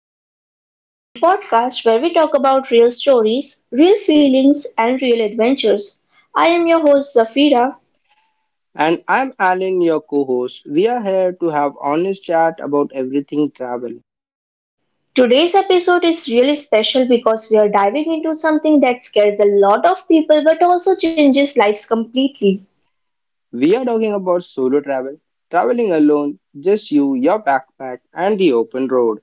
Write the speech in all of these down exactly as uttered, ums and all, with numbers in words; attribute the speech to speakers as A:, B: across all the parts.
A: Conversations, the podcast where we talk about real stories, real feelings, and real adventures. I am your host Zafira.
B: And I'm Alan, your co host. We are here to have honest chat about everything travel.
A: Today's episode is really special because we are diving into something that scares a lot of people but also changes lives completely.
B: We are talking about solo travel, traveling alone, just you, your backpack, and the open road.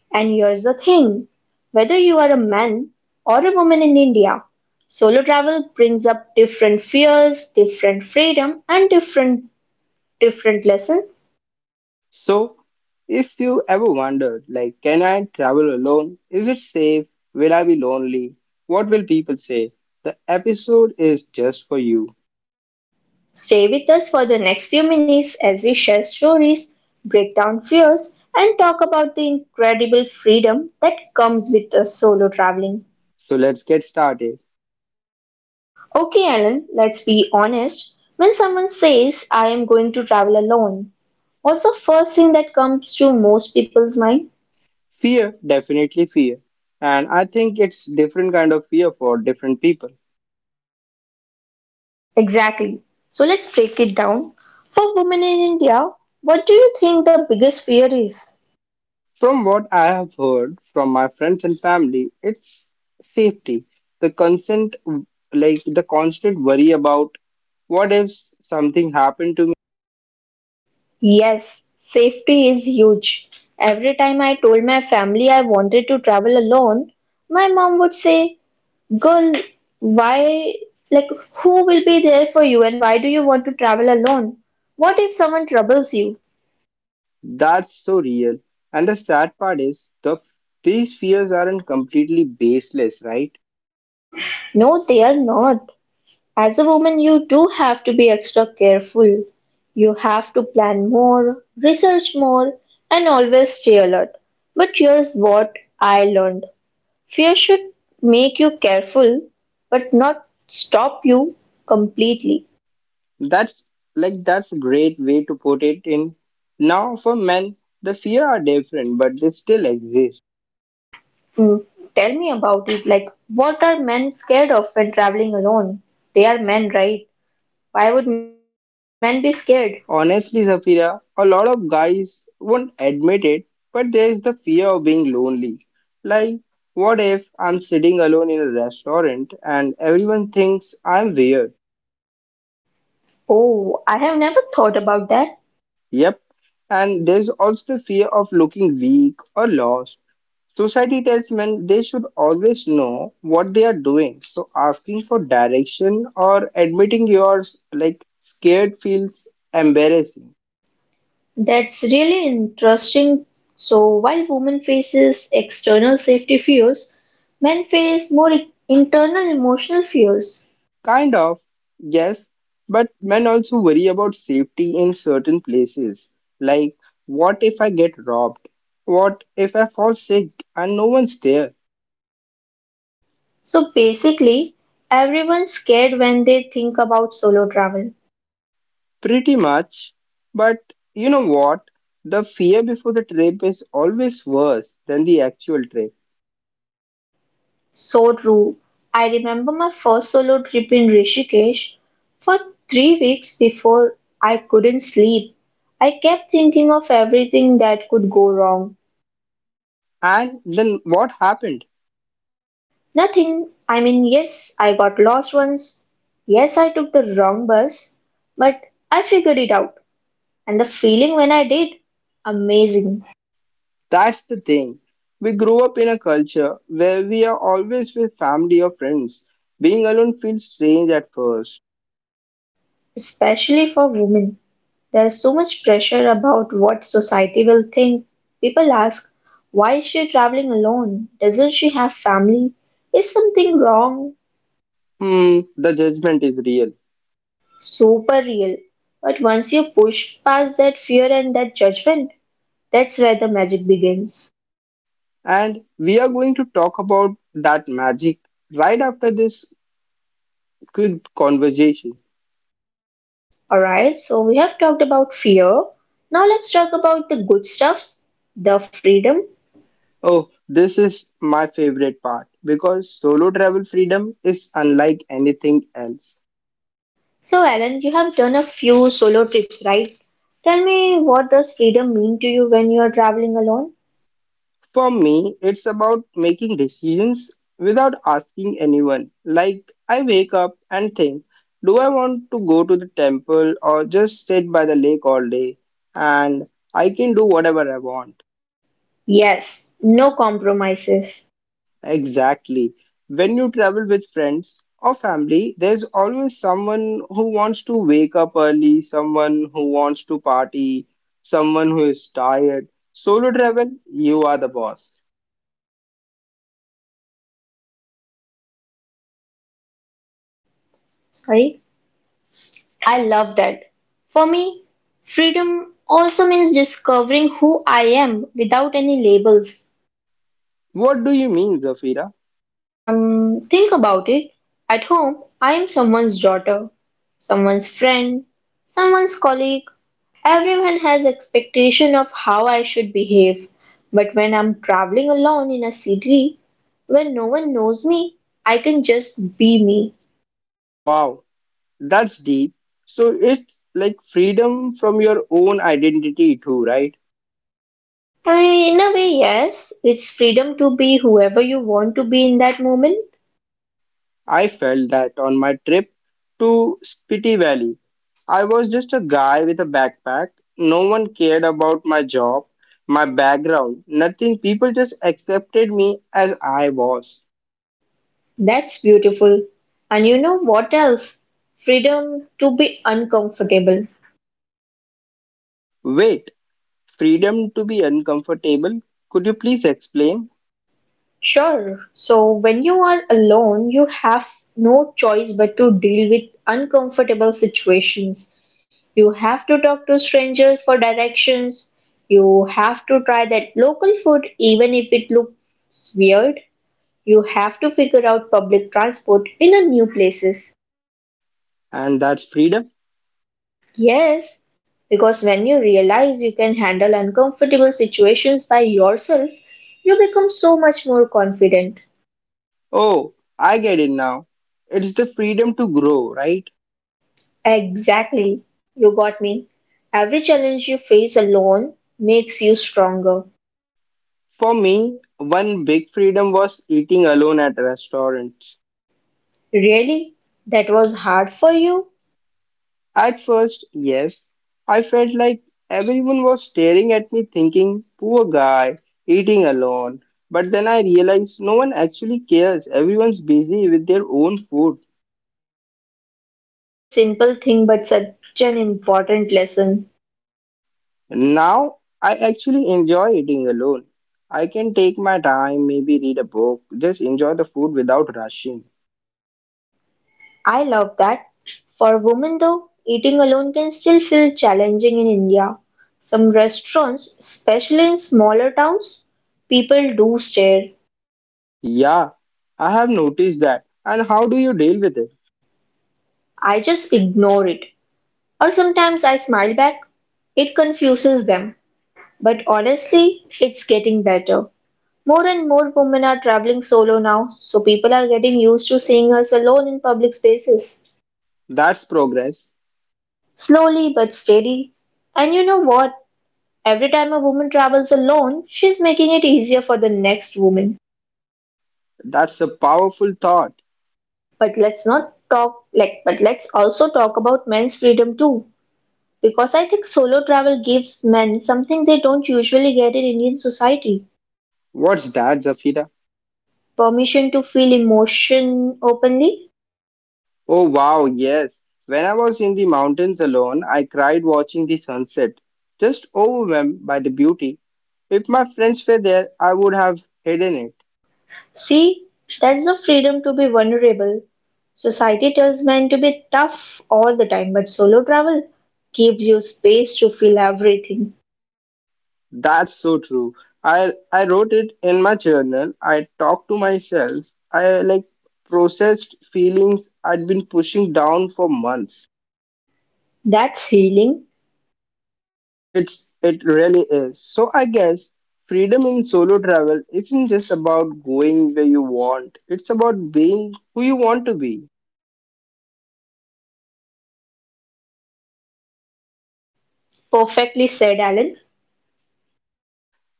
A: And here's the thing, whether you are a man or a woman in India, solo travel brings up different fears, different freedom, and different different lessons.
B: So, if you ever wondered, like, can I travel alone? Is it safe? Will I be lonely? What will people say? The episode is just for you.
A: Stay with us for the next few minutes as we share stories, break down fears, and talk about the incredible freedom that comes with a solo traveling.
B: So, let's get started.
A: Okay, Alan, let's be honest. When someone says, I am going to travel alone, what's the first thing that comes to most people's mind?
B: Fear, definitely fear. And I think it's different kind of fear for different people.
A: Exactly. So let's break it down. For women in India, what do you think the biggest fear is?
B: From what I have heard from my friends and family, it's safety. The constant, like the constant worry about what if something happened to me,
A: Yes, safety is huge. Every time I told my family I wanted to travel alone, my mom would say, girl, why, like, who will be there for you and why do you want to travel alone? What if someone troubles you?
B: that's so real. And the sad part is, the these fears aren't completely baseless, right?
A: No, they are not. As a woman, you do have to be extra careful. You have to plan more, research more, and always stay alert. But here's what I learned. Fear should make you careful, but not stop you completely.
B: That's like that's a great way to put it. In now, for men, the fear are different, but they still exist.
A: Mm, tell me about it. Like, what are men scared of when traveling alone? They are men, right? Why would men be scared?
B: Honestly, Zafira, a lot of guys won't admit it, but there is the fear of being lonely. Like, what if I'm sitting alone in a restaurant and everyone thinks I'm weird?
A: Oh, I have never thought about that.
B: Yep. And there's also the fear of looking weak or lost. Society tells men they should always know what they are doing, so asking for direction or admitting you're like scared feels embarrassing.
A: That's really interesting. So, while women faces external safety fears, men face more i- internal emotional fears.
B: Kind of, yes, but men also worry about safety in certain places. Like, what if I get robbed? What if I fall sick and no one's there?
A: So basically, everyone's scared when they think about solo travel.
B: Pretty much. But you know what? The fear before the trip is always worse than the actual trip.
A: So true. I remember my first solo trip in Rishikesh. For three weeks before, I couldn't sleep. I kept thinking of everything that could go wrong.
B: And then what happened?
A: Nothing. I mean, yes, I got lost once. Yes, I took the wrong bus. But I figured it out. And the feeling when I did, amazing.
B: That's the thing. We grow up in a culture where we are always with family or friends. Being alone feels strange at first.
A: Especially for women. There's so much pressure about what society will think. People ask, why is she traveling alone? Doesn't she have family? Is something wrong?
B: Hmm, the judgment is real.
A: Super real. But once you push past that fear and that judgment, that's where the magic begins.
B: And we are going to talk about that magic right after this quick conversation.
A: Alright, so we have talked about fear. Now let's talk about the good stuffs, the freedom.
B: Oh, this is my favorite part because solo travel freedom is unlike anything else.
A: So, Alan, you have done a few solo trips, right? Tell me, what does freedom mean to you when you are traveling alone?
B: For me, it's about making decisions without asking anyone. Like, I wake up and think, do I want to go to the temple or just sit by the lake all day? And I can do whatever I want.
A: Yes, no compromises.
B: Exactly. When you travel with friends or family, there's always someone who wants to wake up early, someone who wants to party, someone who is tired. Solo travel, you are the boss.
A: Sorry, I love that. For me, freedom also means discovering who I am without any labels.
B: What do you mean, Zafira?
A: Um, think about it. At home, I am someone's daughter, someone's friend, someone's colleague. Everyone has expectation of how I should behave. But when I'm traveling alone in a city where no one knows me, I can just be me.
B: Wow, that's deep. So it's like freedom from your own identity, too, right?
A: Uh, in a way, yes, it's freedom to be whoever you want to be in that moment.
B: I felt that on my trip to Spiti Valley. I was just a guy with a backpack. No one cared about my job, my background, nothing. People just accepted me as I was.
A: That's beautiful. And you know what else? Freedom to be uncomfortable.
B: Wait, freedom to be uncomfortable? Could you please explain?
A: Sure. So when you are alone, you have no choice but to deal with uncomfortable situations. You have to talk to strangers for directions. You have to try that local food even if it looks weird. You have to figure out public transport in a new places.
B: And that's freedom?
A: Yes, because when you realize you can handle uncomfortable situations by yourself, you become so much more confident.
B: Oh, I get it now. It's the freedom to grow, right?
A: Exactly, you got me. Every challenge you face alone makes you stronger.
B: For me, one big freedom was eating alone at restaurants.
A: Really? That was hard for you?
B: At first, yes, I felt like everyone was staring at me thinking, poor guy, eating alone. But then I realized no one actually cares. Everyone's busy with their own food.
A: That's such a simple thing, but such an important lesson.
B: Now I actually enjoy eating alone. I can take my time, maybe read a book, just enjoy the food without rushing.
A: I love that. For women though, eating alone can still feel challenging in India. Some restaurants, especially in smaller towns, people do stare.
B: Yeah, I have noticed that. And how do you deal with it?
A: I just ignore it. Or sometimes I smile back. It confuses them. But honestly, it's getting better. More and more women are traveling solo now, so people are getting used to seeing us alone in public spaces.
B: That's progress.
A: Slowly but steady. And you know what? Every time a woman travels alone, she's making it easier for the next woman.
B: That's a powerful thought.
A: But let's not talk like but let's also talk about men's freedom too. Because I think solo travel gives men something they don't usually get in Indian society.
B: What's that, Zafira?
A: Permission to feel emotion openly.
B: Oh wow, yes. When I was in the mountains alone, I cried watching the sunset, just overwhelmed by the beauty. If my friends were there, I would have hidden it.
A: See, that's the freedom to be vulnerable. Society tells men to be tough all the time, but solo travel gives you space to feel everything.
B: That's so true. I I wrote it in my journal. I talked to myself. I like processed feelings I'd been pushing down for months.
A: That's healing.
B: It's it really is. So I guess freedom in solo travel isn't just about going where you want. It's about being who you want to be.
A: Perfectly said, Alan.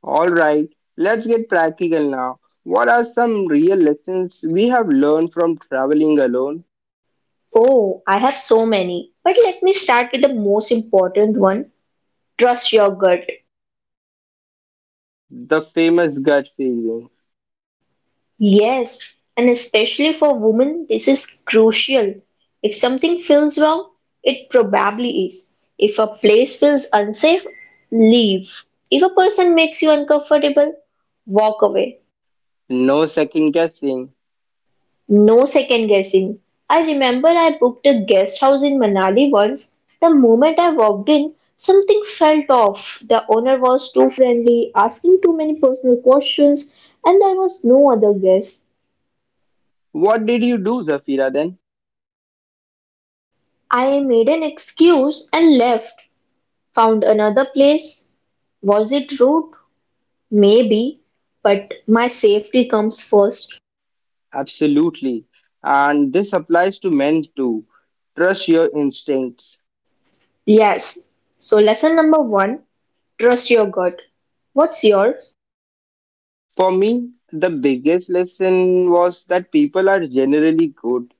B: Alright, let's get practical now. What are some real lessons we have learned from traveling alone?
A: Oh, I have so many. But let me start with the most important one: trust your gut.
B: The famous gut feeling.
A: Yes, and especially for women, this is crucial. If something feels wrong, it probably is. If a place feels unsafe, leave. If a person makes you uncomfortable, walk away.
B: No second guessing.
A: No second guessing. I remember I booked a guest house in Manali once. The moment I walked in, something felt off. The owner was too friendly, asking too many personal questions, and there was no other guest.
B: What did you do, Zafira, then?
A: I made an excuse and left. Found another place. Was it rude? Maybe, but my safety comes first.
B: Absolutely. And this applies to men too. Trust your instincts.
A: Yes. So, lesson number one: trust your gut. What's yours?
B: For me, the biggest lesson was that people are generally good.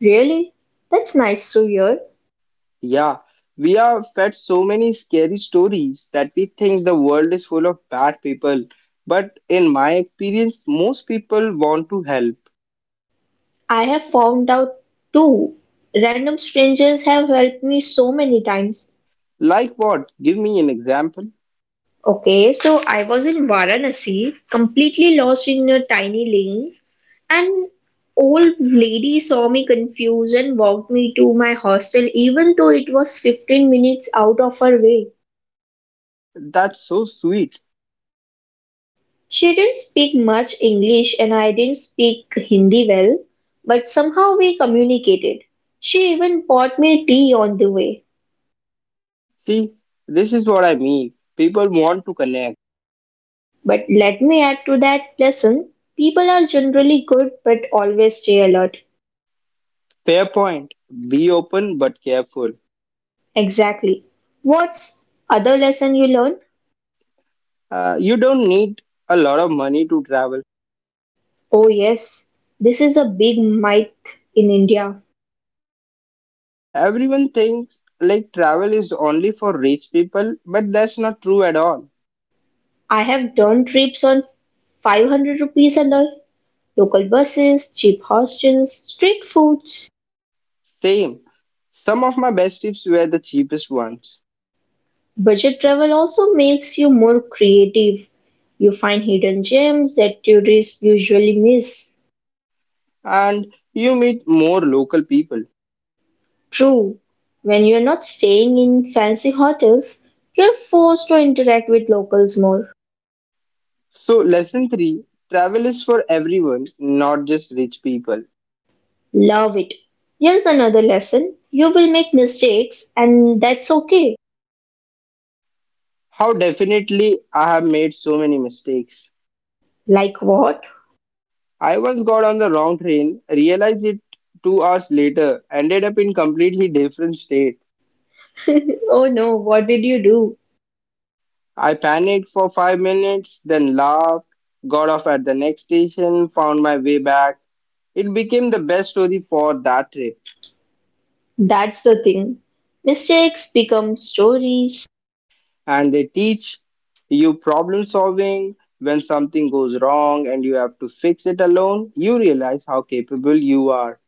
A: Really? That's nice to hear.
B: Yeah, we are fed so many scary stories that we think the world is full of bad people. But in my experience, most people want to help.
A: I have found out too. Random strangers have helped me so many times.
B: Like what? Give me an example.
A: Okay, so I was in Varanasi, completely lost in a tiny lane. An old lady saw me confused and walked me to my hostel, even though it was fifteen minutes out of her way.
B: That's so sweet.
A: She didn't speak much English and I didn't speak Hindi well, but somehow we communicated. She even bought me tea on the way.
B: See, this is what I mean. People want to connect.
A: But let me add to that lesson: people are generally good but always stay alert.
B: Fair point. Be open but careful.
A: Exactly. What's other lesson you learn?
B: Uh, you don't need a lot of money to travel.
A: Oh, yes, this is a big myth in India.
B: Everyone thinks like travel is only for rich people, but that's not true at all.
A: I have done trips on five hundred rupees a night, local buses, cheap hostels, street foods.
B: Same. Some of my best tips were the cheapest ones,
A: Budget travel also makes you more creative. You find hidden gems that tourists usually miss.
B: and you meet more local people.
A: True, when you're not staying in fancy hotels, you're forced to interact with locals more.
B: So, lesson three, travel is for everyone, not just rich people.
A: Love it. Here's another lesson: you will make mistakes, and that's okay.
B: How definitely I have made so many mistakes.
A: Like what?
B: I once got on the wrong train, realized it two hours later, ended up in completely different state.
A: Oh no, what did you do?
B: I panicked for five minutes, then laughed, got off at the next station, found my way back. It became the best story for that trip.
A: That's the thing. Mistakes become stories.
B: And they teach you problem solving. When something goes wrong and you have to fix it alone, you realize how capable you are.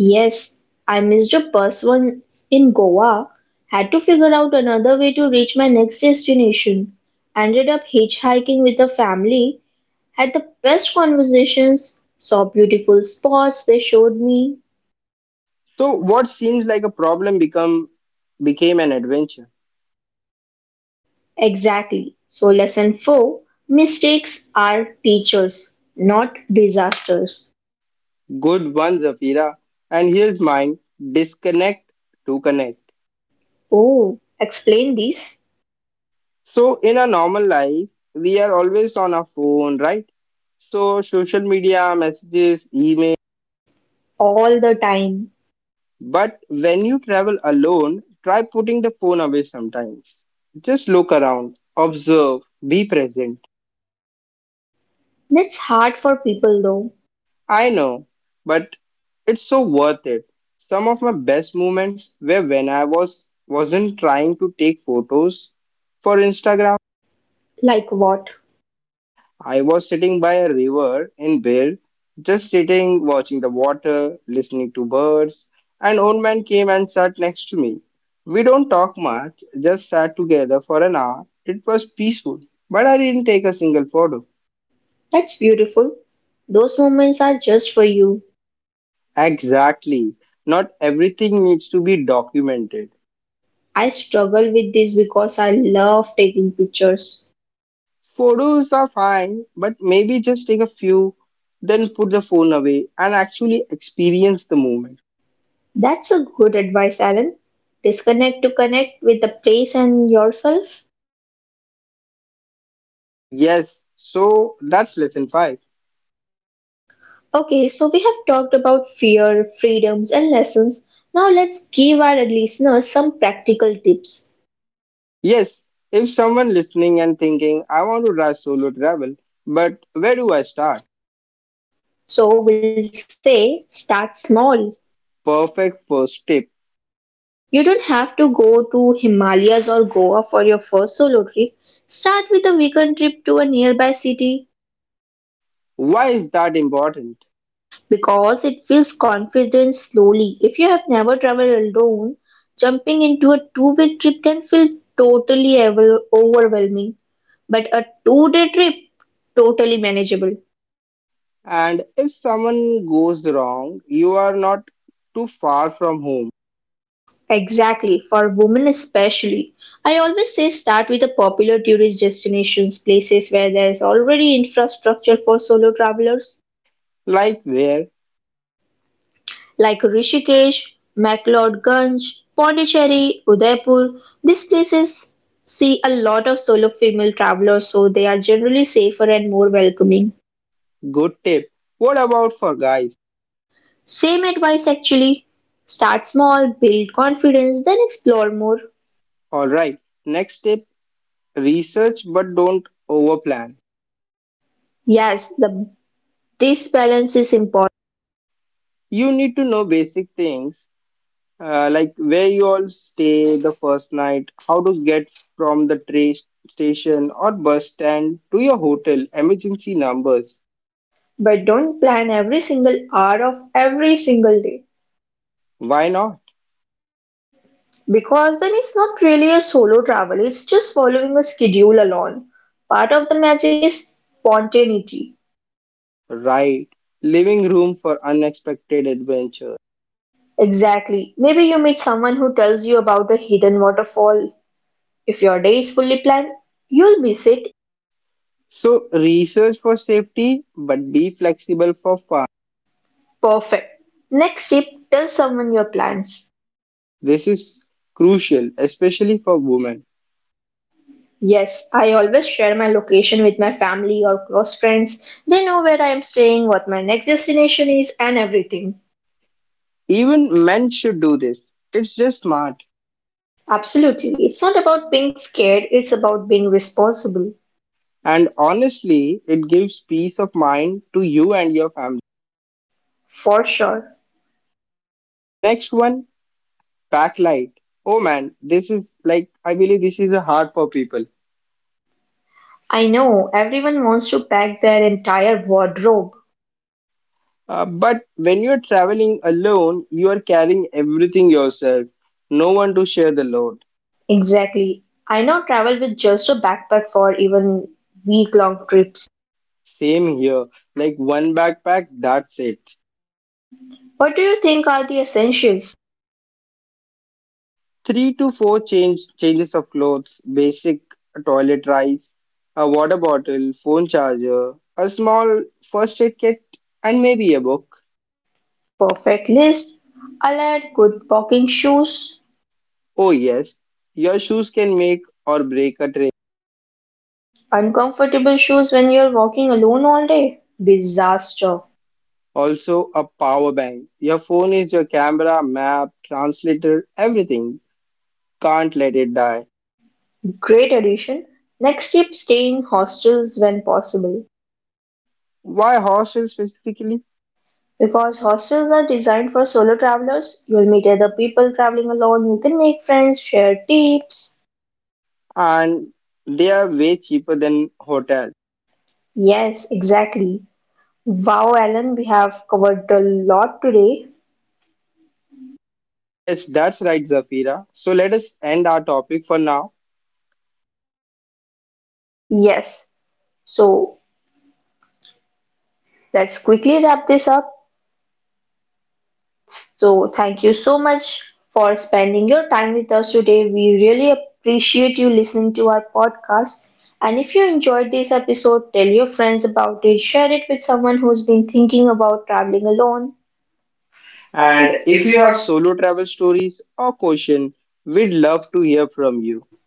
A: Yes, I missed a bus once in Goa, had to figure out another way to reach my next destination. Ended up hitchhiking with a family. Had the best conversations, saw beautiful spots they showed me.
B: So what seems like a problem become became an adventure.
A: Exactly. So, lesson four: mistakes are teachers, not disasters.
B: Good one, Zafira. And here's mine, disconnect to connect.
A: Oh, explain this
B: So in a normal life, we are always on our phone, right? So social media, messages, email.
A: all the time.
B: But when you travel alone, try putting the phone away sometimes. Just look around, observe, be present.
A: That's hard for people though.
B: I know, but it's so worth it. Some of my best moments were when I was wasn't trying to take photos for Instagram.
A: Like what?
B: I was sitting by a river in Bale, just sitting, watching the water, listening to birds. An old man came and sat next to me. We don't talk much, just sat together for an hour. It was peaceful, but I didn't take a single photo.
A: That's beautiful. Those moments are just for you.
B: Exactly. Not everything needs to be documented.
A: I struggle with this because I love taking pictures.
B: Photos are fine, but maybe just take a few, then put the phone away and actually experience the moment.
A: That's a good advice, Alan. Disconnect to connect with the place and yourself.
B: Yes, so that's lesson five.
A: Okay, so we have talked about fear, freedoms, and lessons. Now let's give our listeners some practical tips.
B: Yes, if someone listening and thinking, I want to try solo travel, but where do I start?
A: So we'll say start small.
B: Perfect first tip.
A: You don't have to go to Himalayas or Goa for your first solo trip. Start with a weekend trip to a nearby city
B: Why is that important?
A: because it builds confidence slowly. If you have never traveled alone, jumping into a two week trip can feel totally ever- overwhelming, but a two day trip totally manageable.
B: And if someone goes wrong, you are not too far from home.
A: Exactly, for women especially. I always say start with the popular tourist destinations, places where there is already infrastructure for solo travelers,
B: Like where?
A: like Rishikesh, McLeodganj, Pondicherry, Udaipur. These places see a lot of solo female travelers, so they are generally safer and more welcoming.
B: Good tip. What about for guys?
A: Same advice actually. Start small, build confidence, then explore more.
B: Alright, next tip, research but don't overplan.
A: Yes, the, this balance is important.
B: You need to know basic things. Uh, like where you all stay the first night, how to get from the train station or bus stand to your hotel, emergency numbers.
A: But don't plan every single hour of every single day
B: Why not?
A: because then it's not really a solo travel, it's just following a schedule alone. Part of the magic is spontaneity.
B: Right. Living room for unexpected adventure.
A: Exactly. Maybe you meet someone who tells you about a hidden waterfall. If your day is fully planned, you'll miss it.
B: So research for safety, but be flexible for fun.
A: Perfect. Next tip: tell someone your plans.
B: This is crucial, especially for women.
A: Yes, I always share my location with my family or close friends. They know where I am staying, what my next destination is, and everything.
B: Even men should do this. It's just smart.
A: Absolutely. It's not about being scared, it's about being responsible.
B: And honestly, it gives peace of mind to you and your family.
A: For sure.
B: Next one, backlight. Oh man, this is like, I believe this is a hard for people.
A: I know everyone wants to pack their entire wardrobe.
B: Uh, but when you're traveling alone, you are carrying everything yourself. No one to share the load.
A: Exactly. I now travel with just a backpack for even week long trips.
B: Same here. Like one backpack, that's it.
A: What do you think are the essentials?
B: Three to four change changes of clothes, basic toilet rice, a water bottle, phone charger, a small first aid kit, and maybe a book.
A: Perfect list. I'll add good walking shoes,
B: Oh yes, your shoes can make or break a trip.
A: uncomfortable shoes when you're walking alone all day. Disaster.
B: Also, a power bank. Your phone is your camera, map, translator, everything. Can't let it die.
A: Great addition. Next tip: stay in hostels when possible.
B: Why hostels specifically?
A: Because hostels are designed for solo travelers, you'll meet other people traveling alone, you can make friends, share tips.
B: And they are way cheaper than hotels.
A: Yes, exactly. Wow, Alan, we have covered a lot today.
B: Yes, that's right, Zafira. So let us end our topic for now.
A: Yes, so let's quickly wrap this up. So, thank you so much for spending your time with us today. We really appreciate you listening to our podcast. And if you enjoyed this episode, tell your friends about it, share it with someone who's been thinking about traveling alone.
B: And
A: And
B: if
A: if
B: you
A: you
B: have
A: have
B: solo travel stories or question, we'd love to hear from you.
A: you,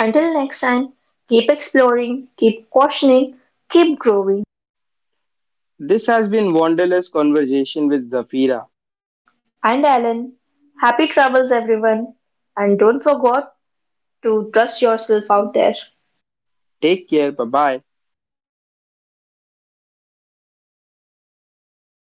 A: until next time, keep exploring, keep questioning, keep growing.
B: This has been Wanderlust Conversation with Zafira.
A: And Alan, happy travels everyone. And don't forget to trust yourself out there.
B: Take care. Bye bye.